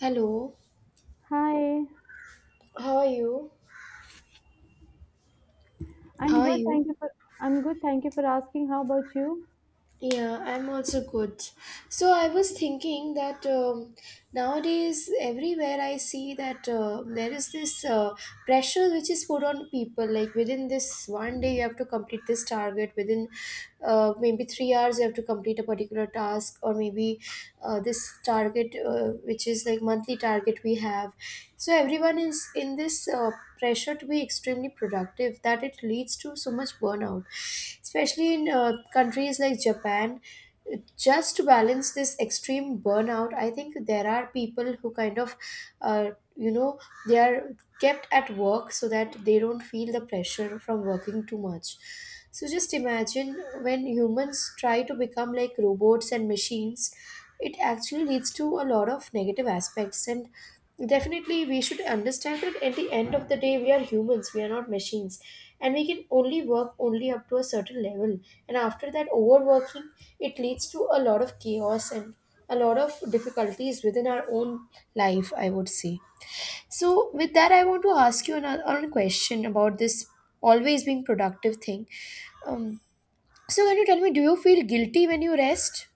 Hello, Hi, how are you? How I'm are good. Thank you? you for I'm good. Thank you for asking. How about you? Yeah, I'm also good. So I was thinking that nowadays everywhere I see that there is this pressure which is put on people. Like within this one day, you have to complete this target. Within maybe 3 hours, you have to complete a particular task, or maybe this target, which is like monthly target we have. So everyone is in this pressure to be extremely productive that it leads to so much burnout, especially in countries like Japan. Just to balance this extreme burnout, I think there are people who uh, you know, they are kept at work so that they don't feel the pressure from working too much. So just imagine, when humans try to become like robots and machines, it actually leads to a lot of negative aspects. And definitely we should understand that at the end of the day we are humans, we are not machines, and we can only work only up to a certain level, and after that overworking, it leads to a lot of chaos and a lot of difficulties within our own life, I would say. So, with that, I want to ask you another question about this always being productive thing. Um, so, can you tell me, do you feel guilty when you rest?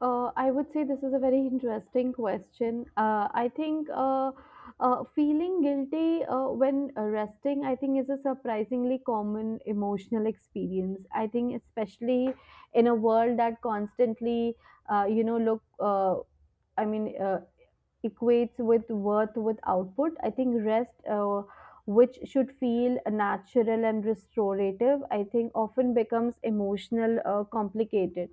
I would say this is a very interesting question. I think feeling guilty when resting, I think, is a surprisingly common emotional experience. I think, especially in a world that constantly, uh, you know, look, uh, I mean, uh, equates with worth with output. I think rest, which should feel natural and restorative, I think often becomes emotional, complicated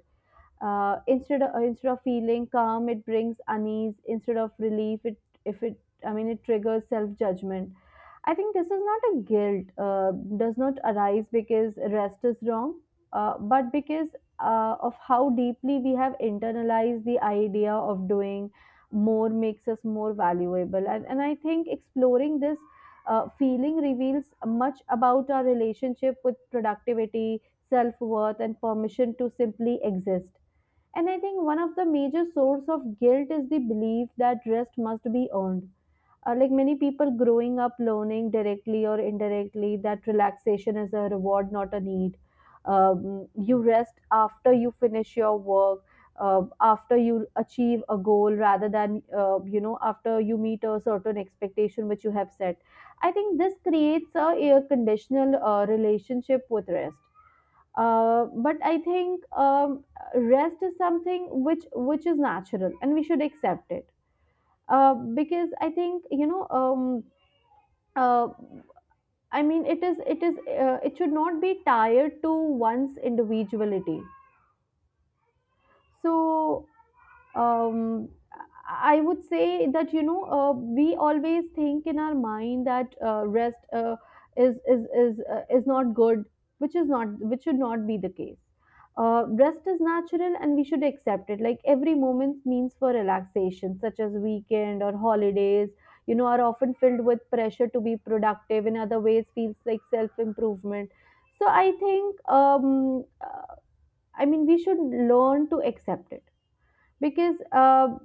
instead of feeling calm, it brings unease, instead of relief, it if it I mean it triggers self judgment. I think this is not a guilt, does not arise because rest is wrong, but because of how deeply we have internalized the idea of doing more makes us more valuable. And I think exploring this feeling reveals much about our relationship with productivity, self worth, and permission to simply exist. And I think one of the major source of guilt is the belief that rest must be earned. Like many people growing up learning directly or indirectly that relaxation is a reward, not a need. You rest after you finish your work, after you achieve a goal rather than, you know, after you meet a certain expectation which you have set. I think this creates a conditional relationship with rest, but I think rest is something which is natural, and we should accept it, because I think you know. Uh, I mean, it is it is it should not be tied to one's individuality. So um, I would say that you know, we always think in our mind that rest is not good, which is not, which should not be the case. Rest is natural and we should accept it. Like every moment means for relaxation, such as weekend or holidays. You know, are often filled with pressure to be productive. In other ways, feels like self improvement. So I think I mean we should learn to accept it because. Uh,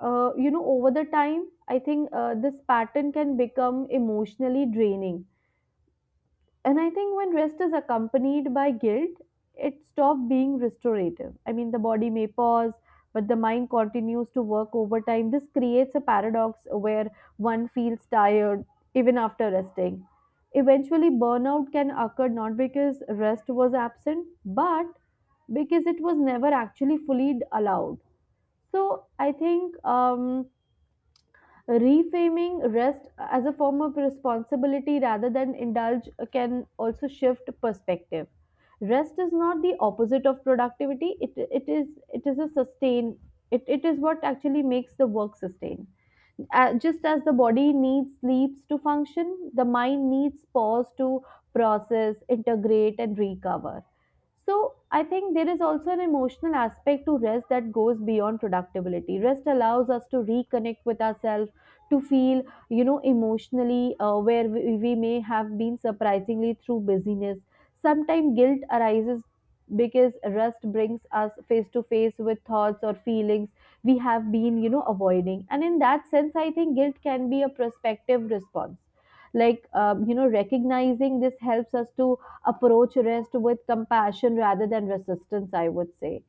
uh, You know, over the time I think this pattern can become emotionally draining, and I think when rest is accompanied by guilt, it stops being restorative. I mean, the body may pause, but the mind continues to work overtime. This creates a paradox where one feels tired even after resting. Eventually burnout can occur, not because rest was absent, but because it was never actually fully allowed. So I think reframing rest as a form of responsibility rather than indulge can also shift perspective. Rest is not the opposite of productivity, it, it is a sustain, it is what actually makes the work sustain. Uh, just as the body needs sleeps to function, the mind needs pause to process, integrate, and recover. So I think there is also an emotional aspect to rest that goes beyond productivity. Rest allows us to reconnect with ourselves, to feel, you know, emotionally, where we may have been surprisingly through busyness. Sometimes guilt arises because rest brings us face to face with thoughts or feelings we have been, you know, avoiding. And in that sense, I think guilt can be a prospective response. Like, you know, recognizing this helps us to approach arrest with compassion rather than resistance, I would say.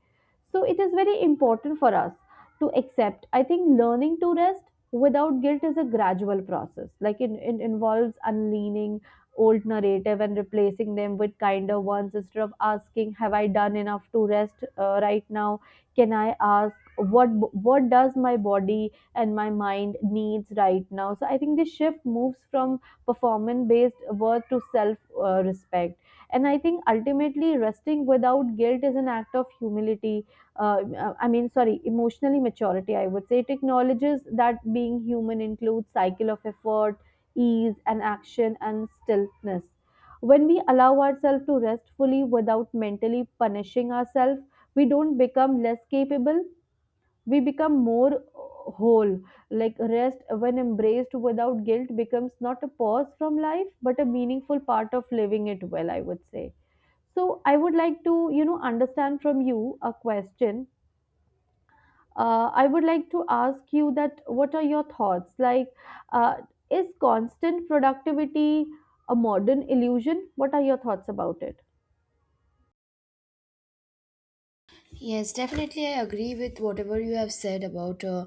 So it is very important for us to accept. I think learning to rest without guilt is a gradual process. Like it involves unleaning old narrative and replacing them with kinder ones, instead of asking, have I done enough to rest right now? Can I ask what does my body and my mind needs right now? So I think this shift moves from performance based worth to self respect. And I think ultimately resting without guilt is an act of humility, uh, I mean sorry, emotionally maturity, I would say. It acknowledges that being human includes cycle of effort, ease, and action and stillness. When we allow ourselves to rest fully without mentally punishing ourselves, we don't become less capable, we become more whole. Like rest, when embraced without guilt, becomes not a pause from life but a meaningful part of living it well, I would say. So I would like to, you know, understand from you a question. I would like to ask you that what are your thoughts? Like, uh, is constant productivity a modern illusion? What are your thoughts about it? Yes, definitely. I agree with whatever you have said about uh,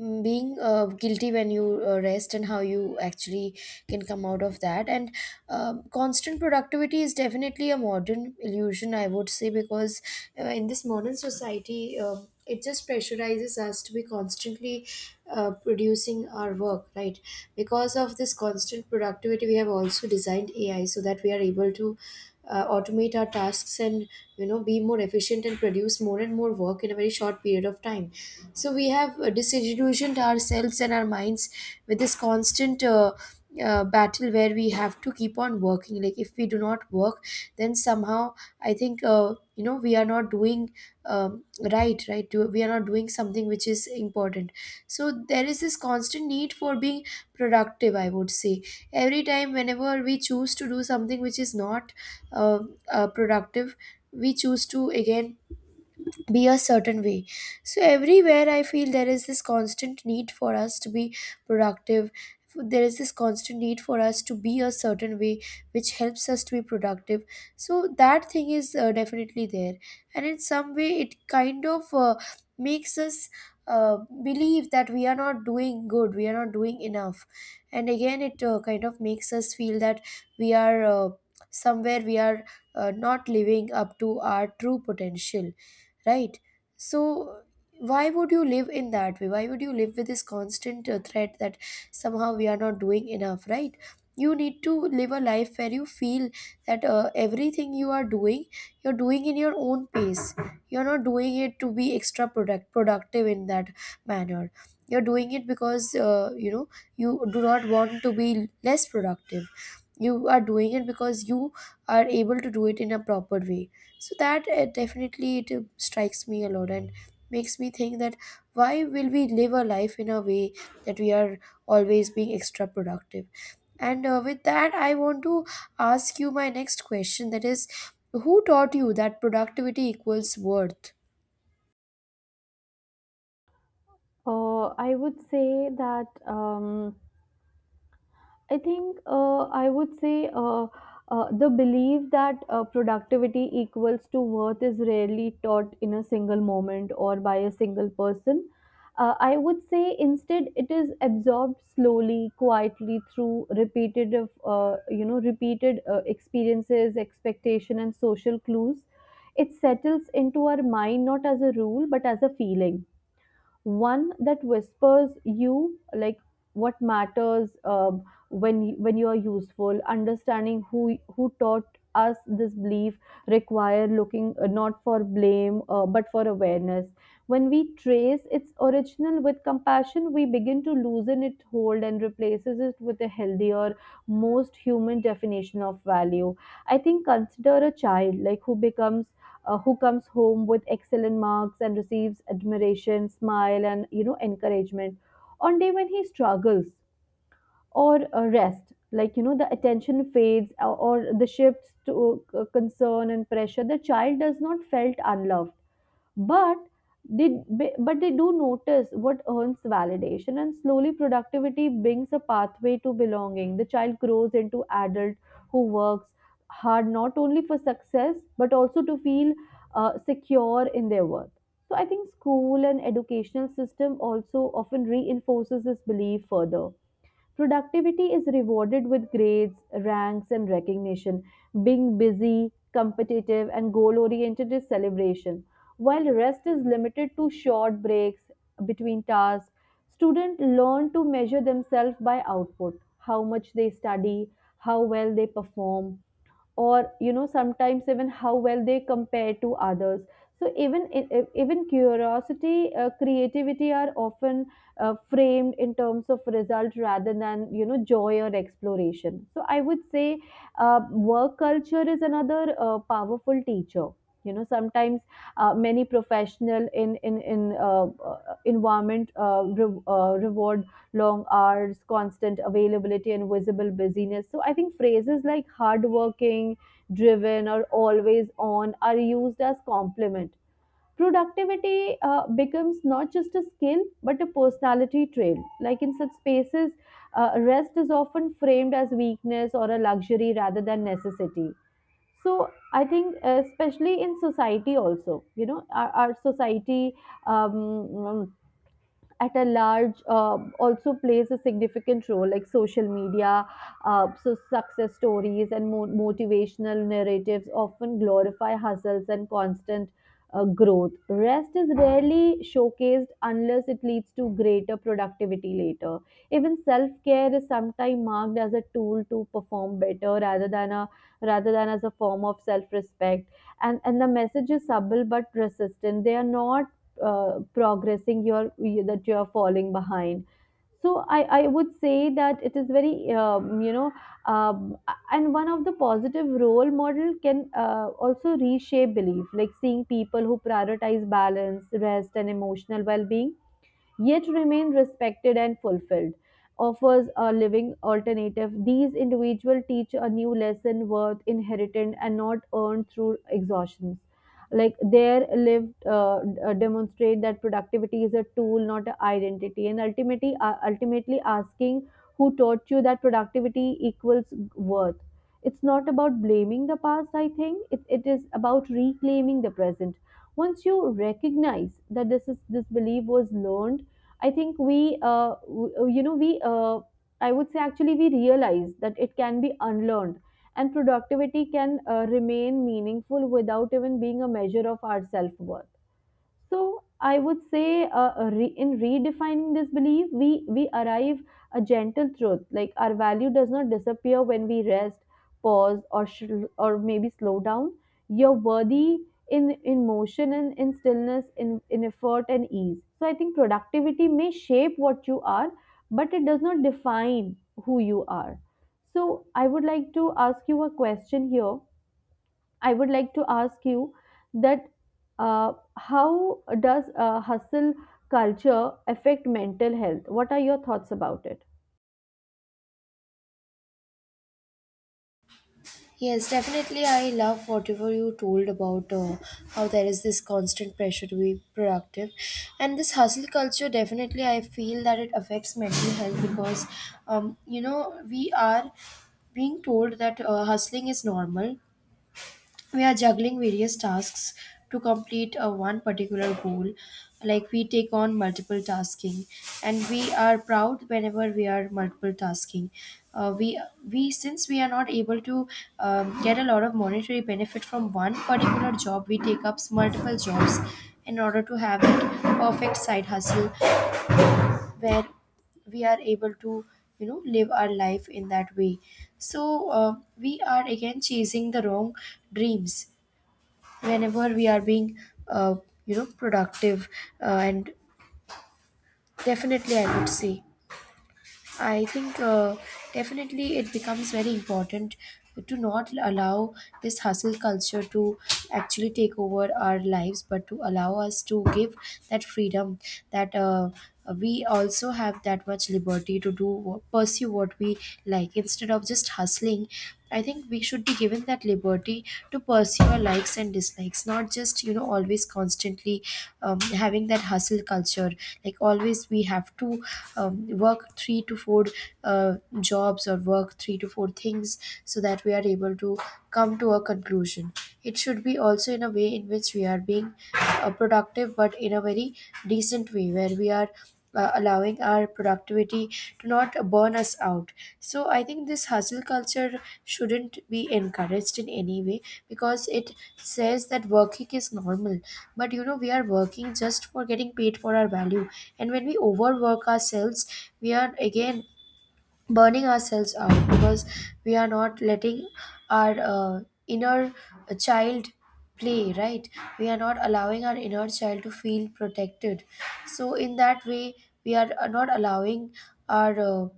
mm, being guilty when you rest and how you actually can come out of that. And um, constant productivity is definitely a modern illusion, I would say, because in this modern society, it just pressurizes us to be constantly producing our work, right? Because of this constant productivity, we have also designed AI so that we are able to automate our tasks and you know be more efficient and produce more and more work in a very short period of time. So we have disillusioned ourselves and our minds with this constant battle where we have to keep on working. Like if we do not work, then somehow I think you know we are not doing, um, we are not doing something which is important. So there is this constant need for being productive, I would say. Every time whenever we choose to do something which is not uh, productive, we choose to again be a certain way. So everywhere I feel there is this constant need for us to be productive. There is this constant need for us to be a certain way, which helps us to be productive. So that thing is definitely there, and in some way, it kind of makes us uh, believe that we are not doing good, we are not doing enough, and again, it kind of makes us feel that we are somewhere we are not living up to our true potential, right? So why would you live in that way? Why would you live with this constant threat that somehow we are not doing enough, right? You need to live a life where you feel that everything you are doing, you're doing in your own pace. You're not doing it to be extra productive in that manner. You're doing it because you know you do not want to be less productive. You are doing it because you are able to do it in a proper way. So that definitely it strikes me a lot and makes me think that why will we live a life in a way that we are always being extra productive. And with that I want to ask you my next question, that is, who taught you that productivity equals worth? I would say that. I think I would say The belief that productivity equals to worth is rarely taught in a single moment or by a single person. I would say instead it is absorbed slowly, quietly through repeated, of, you know, repeated experiences, expectation, and social clues. It settles into our mind not as a rule but as a feeling, one that whispers you like what matters when when you are useful. Understanding who taught us this belief require looking, not for blame, but for awareness. When we trace its original with compassion, we begin to loosen its hold and replaces it with a healthier, most human definition of value. I think consider a child, like who becomes who comes home with excellent marks and receives admiration, smile, and you know encouragement. On day when he struggles or rest, like you know the attention fades, or the shifts to concern and pressure, the child does not felt unloved, but they they do notice what earns validation, and slowly productivity brings a pathway to belonging. The child grows into adult who works hard not only for success but also to feel secure in their worth. So I think school and educational system also often reinforces this belief further. Productivity is rewarded with grades, ranks, and recognition. Being busy, competitive, and goal oriented is celebration, while rest is limited to short breaks between tasks. Students learn to measure themselves by output, how much they study, how well they perform, or you know sometimes even how well they compare to others. So even even curiosity, creativity are often framed in terms of result rather than you know joy or exploration. So I would say work culture is another powerful teacher. You know sometimes many professional in environment reward long hours, constant availability, and visible busyness. So I think phrases like hardworking, driven, or always on are used as compliment. Productivity becomes not just a skill but a personality trait. Like in such spaces, rest is often framed as weakness or a luxury rather than necessity. So I think, especially in society, also, you know, our society um, at a large also plays a significant role, like social media. So success stories and motivational narratives often glorify hustles and constant growth. Rest is rarely showcased unless it leads to greater productivity later. Even self-care is sometimes marked as a tool to perform better, rather than a rather than as a form of self-respect. And the message is subtle but persistent. They are not progressing, that you're falling behind. So I would say that it is very um, you know um, and one of the positive role model can also reshape belief, like seeing people who prioritize balance, rest, and emotional well-being yet remain respected and fulfilled, offers a living alternative. These individuals teach a new lesson, worth inherited and not earned through exhaustions. Like their lived demonstrate that productivity is a tool, not an identity. And ultimately, ultimately asking who taught you that productivity equals worth. It's not about blaming the past, I think. It is about reclaiming the present. Once you recognize that this belief was learned, I think you know, I would say actually we realize that it can be unlearned, and productivity can remain meaningful without even being a measure of our self worth. So I would say, in redefining this belief, we arrive a gentle truth. Like our value does not disappear when we rest, pause, or maybe slow down. You're worthy in motion and in stillness, in effort and ease. So I think productivity may shape what you are, but it does not define who you are. So I would like to ask you a question here. I would like to ask you that how does hustle culture affect mental health? What are your thoughts about it? Yes, definitely. I love whatever you told about how there is this constant pressure to be productive. And this hustle culture, definitely, I feel that it affects mental health because, you know, we are being told that hustling is normal. We are juggling various tasks to complete a one particular goal. Like we take on multiple tasking, and we are proud whenever we are multiple tasking. Uh, we we since we are not able to get a lot of monetary benefit from one particular job, we take up multiple jobs in order to have that perfect side hustle where we are able to you know live our life in that way. So we are again chasing the wrong dreams whenever we are being uh, you know productive. And definitely I would say, I think definitely it becomes very important to not allow this hustle culture to actually take over our lives, but to allow us to give that freedom, that we also have that much liberty to do pursue what we like instead of just hustling. I think we should be given that liberty to pursue your likes and dislikes, not just you know always constantly having that hustle culture. Like always we have to um, work three to four uh, jobs or work three to four things so that we are able to come to a conclusion. It should be also in a way in which we are being productive but in a very decent way where we are allowing our productivity to not burn us out. So I think this hustle culture shouldn't be encouraged in any way because it says that working is normal. But you know, we are working just for getting paid for our value. And when we overwork ourselves, we are again burning ourselves out because we are not letting our inner child play, right? We are not allowing our inner child to feel protected. So in that way we are not allowing our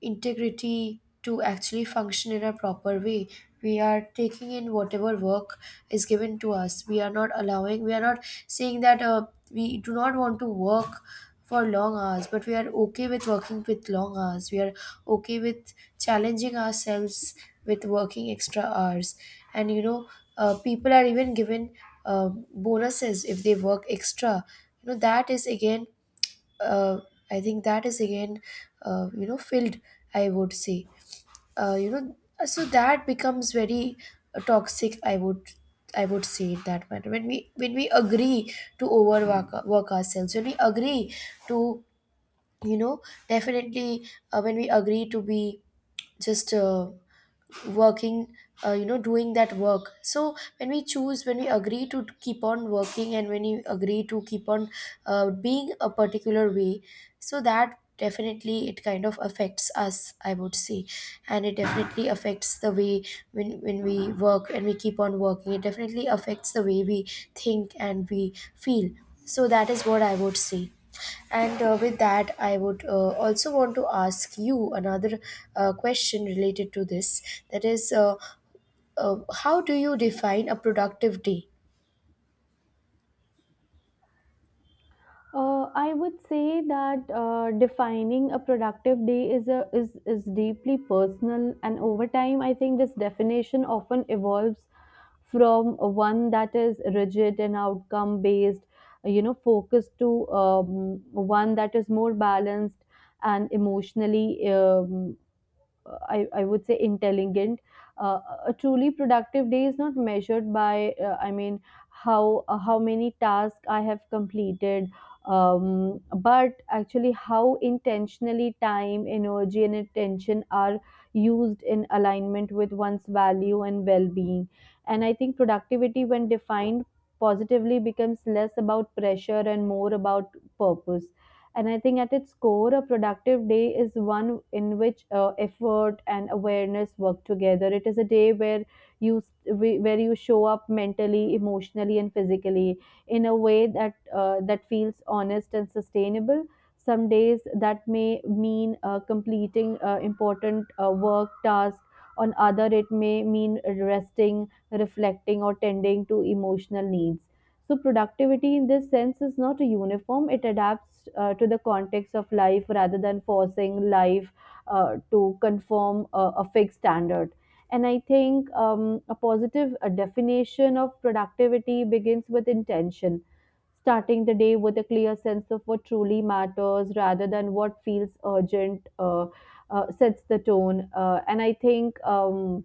integrity to actually function in a proper way. We are taking in whatever work is given to us. We are not allowing, we are not saying that we do not want to work for long hours, but we are okay with working with long hours. We are okay with challenging ourselves with working extra hours. And you know, people are even given bonuses if they work extra. You know, that is again, uh, I think that is again, you know, filled, I would say, so that becomes very toxic, I would say it that manner. When we, when we agree to overwork work ourselves, when we agree to, you know, definitely when we agree to be just. Working you know doing that work. So when we choose, when we agree to keep on working, and when you agree to keep on being a particular way, so that definitely it kind of affects us, I would say. And it definitely affects the way, when we work and we keep on working, it definitely affects the way we think and we feel. So that is what I would say. And with that, I would also want to ask you another question related to this. That is, uh, how do you define a productive day? I would say that defining a productive day is a is is deeply personal, and over time, I think this definition often evolves from one that is rigid and outcome based, you know, focused to one that is more balanced and emotionally I would say intelligent. Uh, a truly productive day is not measured by, how many tasks I have completed, but actually how intentionally time, energy, and attention are used in alignment with one's value and well-being. And I think productivity, when defined positively, becomes less about pressure and more about purpose. And I think at its core, a productive day is one in which effort and awareness work together. It is a day where you where you show up mentally, emotionally, and physically in a way that that feels honest and sustainable. Some days that may mean completing important work tasks. On other, it may mean resting, reflecting, or tending to emotional needs. So, productivity in this sense is not uniform, it adapts to the context of life rather than forcing life to conform a fixed standard. And I think a positive definition of productivity begins with intention, starting the day with a clear sense of what truly matters rather than what feels urgent sets the tone. And I think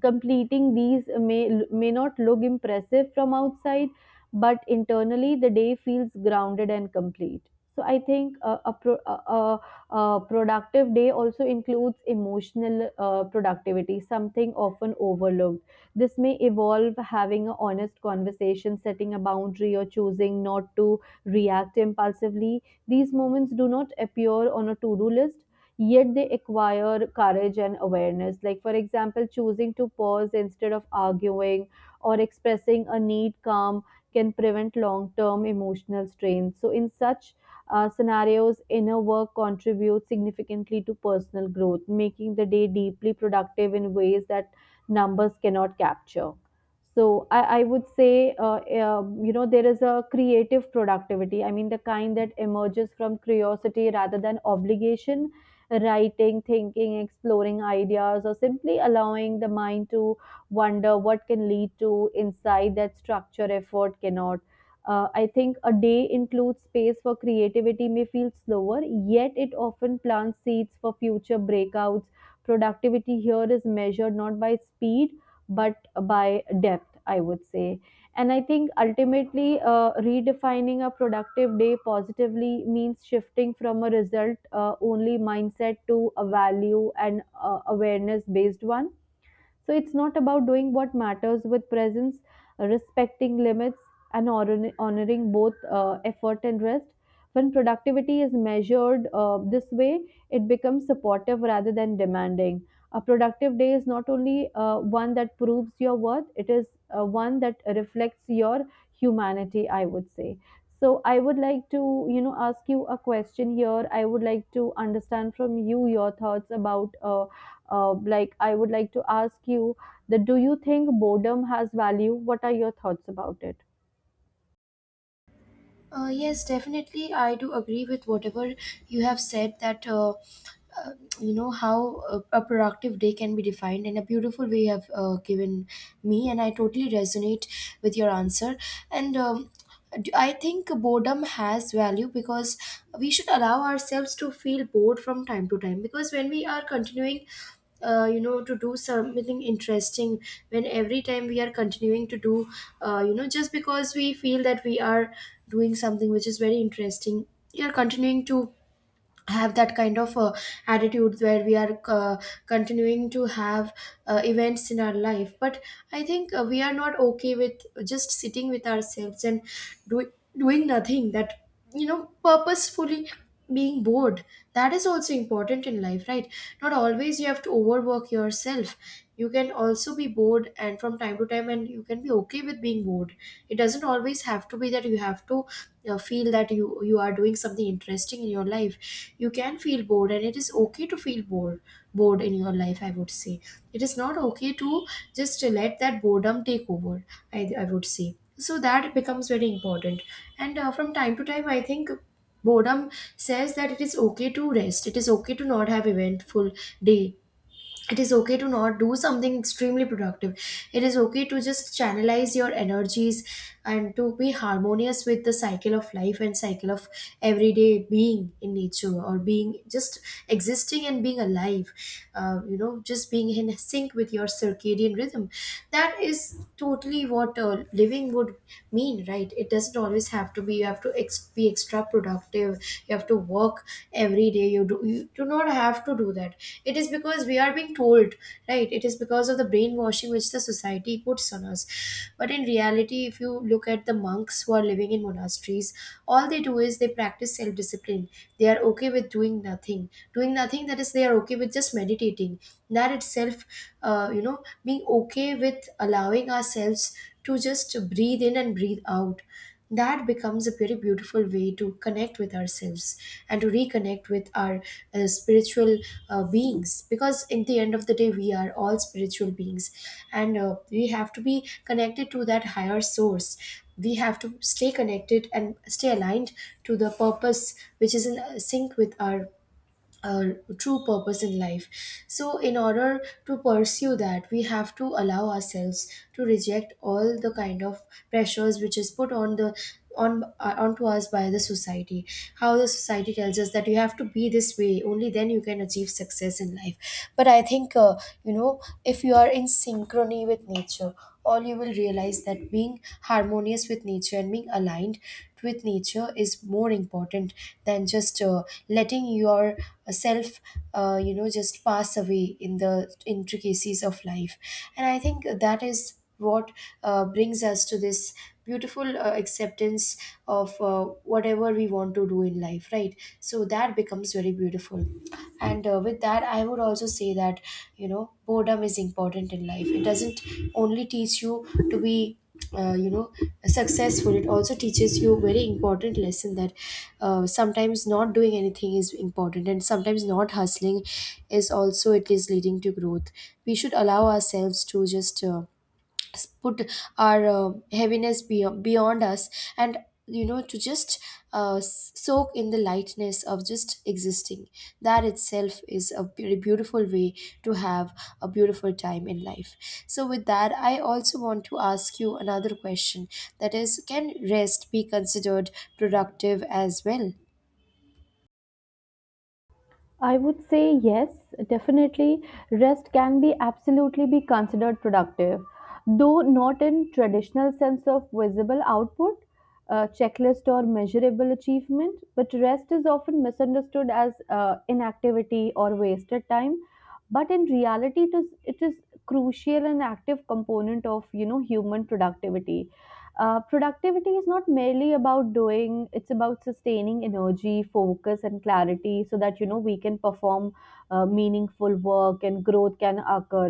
completing these may not look impressive from outside, but internally the day feels grounded and complete. So I think a productive day also includes emotional productivity, something often overlooked. This may evolve having an honest conversation, setting a boundary, or choosing not to react impulsively. These moments do not appear on a to do list, yet they acquire courage and awareness. Like, for example, choosing to pause instead of arguing or expressing a need calm can prevent long term emotional strain. So, in such scenarios, inner work contributes significantly to personal growth, making the day deeply productive in ways that numbers cannot capture. So I would say, you know, there is a creative productivity. I mean, the kind that emerges from curiosity rather than obligation, writing, thinking, exploring ideas, or simply allowing the mind to wonder what can lead to insight that structure effort cannot. I think a day includes space for creativity may feel slower, yet it often plants seeds for future breakouts. Productivity here is measured not by speed but by depth, I would say. And I think ultimately, redefining a productive day positively means shifting from a result only mindset to a value and awareness based one. So it's not about doing what matters with presence, respecting limits, and honoring both effort and rest. When productivity is measured this way, it becomes supportive rather than demanding. A productive day is not only one that proves your worth, it is one that reflects your humanity, I would say. So I would like to, you know, ask you a question here. I would like to understand from you your thoughts about like I would like to ask you that, do you think boredom has value? What are your thoughts about it? Yes, definitely. I do agree with whatever you have said that, uh, you know, how a productive day can be defined in a beautiful way you have given me, and I totally resonate with your answer. And I think boredom has value because we should allow ourselves to feel bored from time to time. Because when we are continuing you know to do something interesting, when every time we are continuing to do you know just because we feel that we are doing something which is very interesting, we are continuing to have that kind of attitude where we are continuing to have events in our life. But I think we are not okay with just sitting with ourselves and do- doing nothing. That you know purposefully being bored, that is also important in life, right? Not always you have to overwork yourself. You can also be bored and from time to time, and you can be okay with being bored. It doesn't always have to be that you have to feel that you are doing something interesting in your life. You can feel bored and it is okay to feel bored in your life, I would say. It is not okay to just let that boredom take over, I would say. So that becomes very important. And from time to time, I think boredom says that it is okay to rest, it is okay to not have eventful day, it is okay to not do something extremely productive, it is okay to just channelize your energies and to be harmonious with the cycle of life and cycle of everyday, being in nature or being just existing and being alive. You know, just being in sync with your circadian rhythm, that is totally what living would mean, right? It doesn't always have to be you have to be extra productive, you have to work every day. You do you do not have to do that. It is because we are being told, right? It is because of the brainwashing which the society puts on us. But in reality, if you look at the monks who are living in monasteries, all they do is they practice self discipline. They are okay with doing nothing, doing nothing, that is, they are okay with just meditating. That itself, you know, being okay with allowing ourselves to just breathe in and breathe out, that becomes a very beautiful way to connect with ourselves and to reconnect with our spiritual beings. Because in the end of the day we are all spiritual beings, and we have to be connected to that higher source. We have to stay connected and stay aligned to the purpose which is in sync with our a true purpose in life. So, in order to pursue that, we have to allow ourselves to reject all the kind of pressures which is put on the on onto us by the society. How the society tells us that you have to be this way, only then you can achieve success in life. But I think you know if you are in synchrony with nature, all you will realize that being harmonious with nature and being aligned with nature is more important than just letting your self you know just pass away in the intricacies of life. And I think that is what brings us to this beautiful acceptance of whatever we want to do in life, right? So that becomes very beautiful. And with that, I would also say that you know boredom is important in life. It doesn't only teach you to be you know successful, it also teaches you very important lesson that sometimes not doing anything is important, and sometimes not hustling is also it is leading to growth. We should allow ourselves to just put our heaviness beyond us and you know to just soak in the lightness of just existing. That itself is a beautiful way to have a beautiful time in life. So with that I also want to ask you another question, that is, can rest be considered productive as well? I would say yes, definitely. Rest can be absolutely be considered productive, though not in traditional sense of visible output, checklist or measurable achievement. But rest is often misunderstood as inactivity or wasted time. But in reality, it is crucial and active component of, you know, human productivity. Productivity is not merely about doing, it's about sustaining energy, focus, and clarity so that, you know, we can perform meaningful work and growth can occur.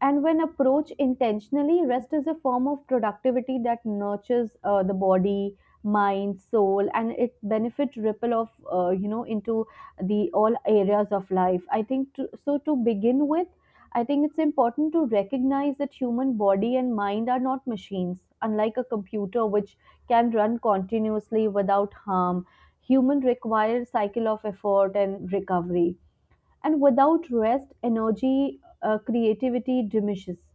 And when approached intentionally, rest is a form of productivity that nurtures the body, mind, soul, and it benefit ripple of, you know, into the all areas of life. I think to, so. To begin with, I think it's important to recognize that human body and mind are not machines, unlike a computer which can run continuously without harm. Human require cycle of effort and recovery, and without rest, energy, creativity diminishes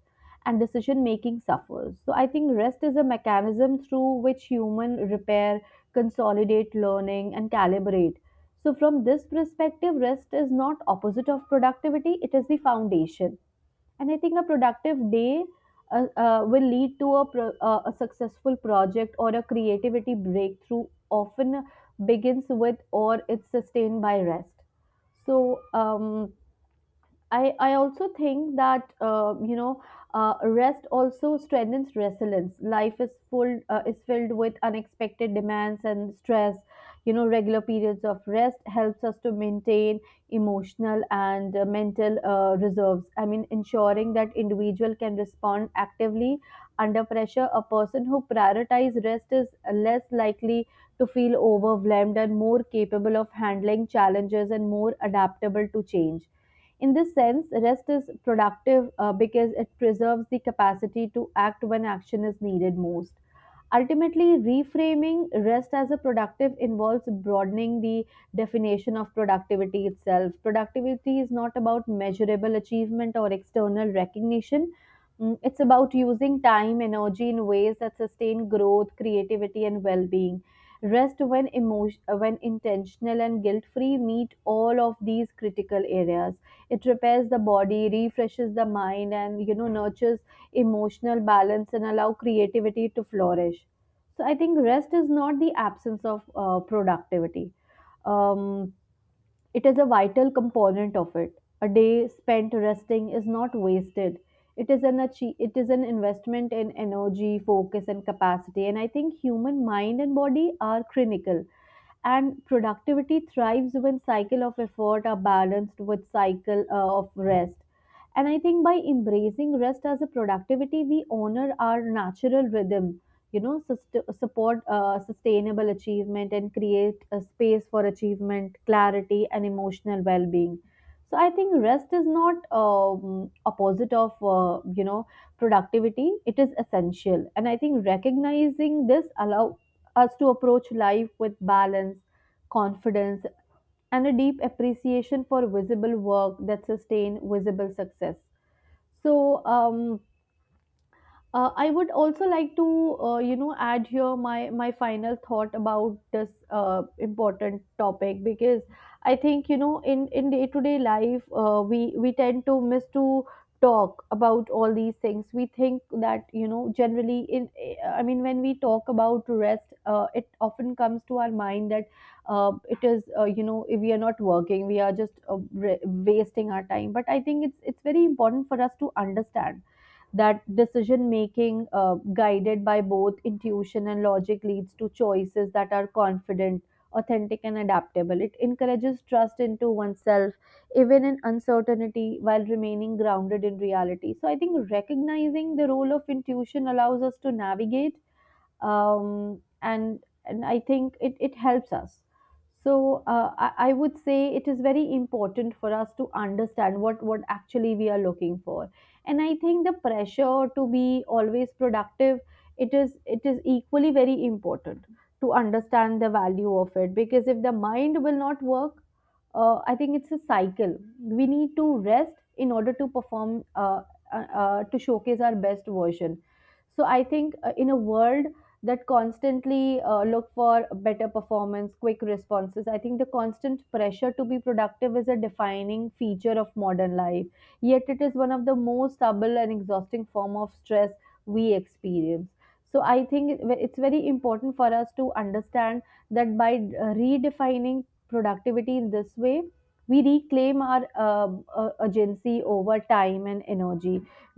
and decision making suffers. So I think rest is a mechanism through which human repair, consolidate learning and calibrate. So from this perspective, rest is not opposite of productivity, it is the foundation. And I think a productive day will lead to a successful project or a creativity breakthrough often begins with or it's sustained by rest. So, I also think that, you know, rest also strengthens resilience. Life is full is filled with unexpected demands and stress. You know, regular periods of rest helps us to maintain emotional and mental reserves. I mean, ensuring that individual can respond actively under pressure. A person who prioritizes rest is less likely to feel overwhelmed and more capable of handling challenges and more adaptable to change. In this sense, rest is productive because it preserves the capacity to act when action is needed most. Ultimately, reframing rest as a productive involves broadening the definition of productivity itself. Productivity is not about measurable achievement or external recognition. Mm, it's about using time, energy in ways that sustain growth, creativity, and well being. Rest when emotion, when intentional and guilt free meet all of these critical areas. It repairs the body, refreshes the mind, and, you know, nurtures emotional balance and allow creativity to flourish. So I think rest is not the absence of productivity. Um, it is a vital component of it. A day spent resting is not wasted. It is it is an investment in energy, focus, and capacity. And I think human mind and body are critical, and productivity thrives when cycle of effort are balanced with cycle of rest. And I think by embracing rest as a productivity we honor our natural rhythm, you know, support sustainable achievement and create a space for achievement clarity and emotional well-being. So I think rest is not opposite of, you know, productivity. It is essential, and I think recognizing this allow us to approach life with balance, confidence, and a deep appreciation for visible work that sustain visible success. So, I would also like to, you know, add here my final thought about this important topic, because I think, you know, in day to day life we tend to miss to talk about all these things. We think that, you know, generally in, I mean, when we talk about rest, it often comes to our mind that it is, you know, if we are not working, we are just wasting our time. But I think it's very important for us to understand that decision making guided by both intuition and logic leads to choices that are confident, authentic and adaptable. It encourages trust into oneself even in uncertainty while remaining grounded in reality. So I think recognizing the role of intuition allows us to navigate, and I think it helps us. So I would say it is very important for us to understand what actually we are looking for, and I think the pressure to be always productive, it is equally very important to understand the value of it, because if the mind will not work, I think it's a cycle. We need to rest in order to perform, to showcase our best version. So I think in a world that constantly look for better performance, quick responses. I think the constant pressure to be productive is a defining feature of modern life. Yet it is one of the most subtle and exhausting form of stress we experience. So I think it's very important for us to understand that by redefining productivity in this way, we reclaim our agency over time and energy.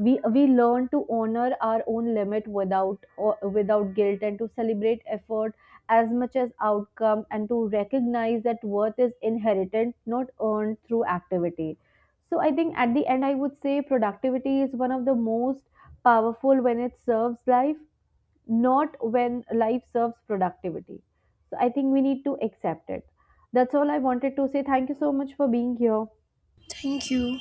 We learn to honor our own limit without or without guilt, and to celebrate effort as much as outcome, and to recognize that worth is inherited not earned through activity. So I think at the end I would say productivity is one of the most powerful when it serves life, not when life serves productivity. So I think we need to accept it. That's all I wanted to say. Thank you so much for being here. Thank you.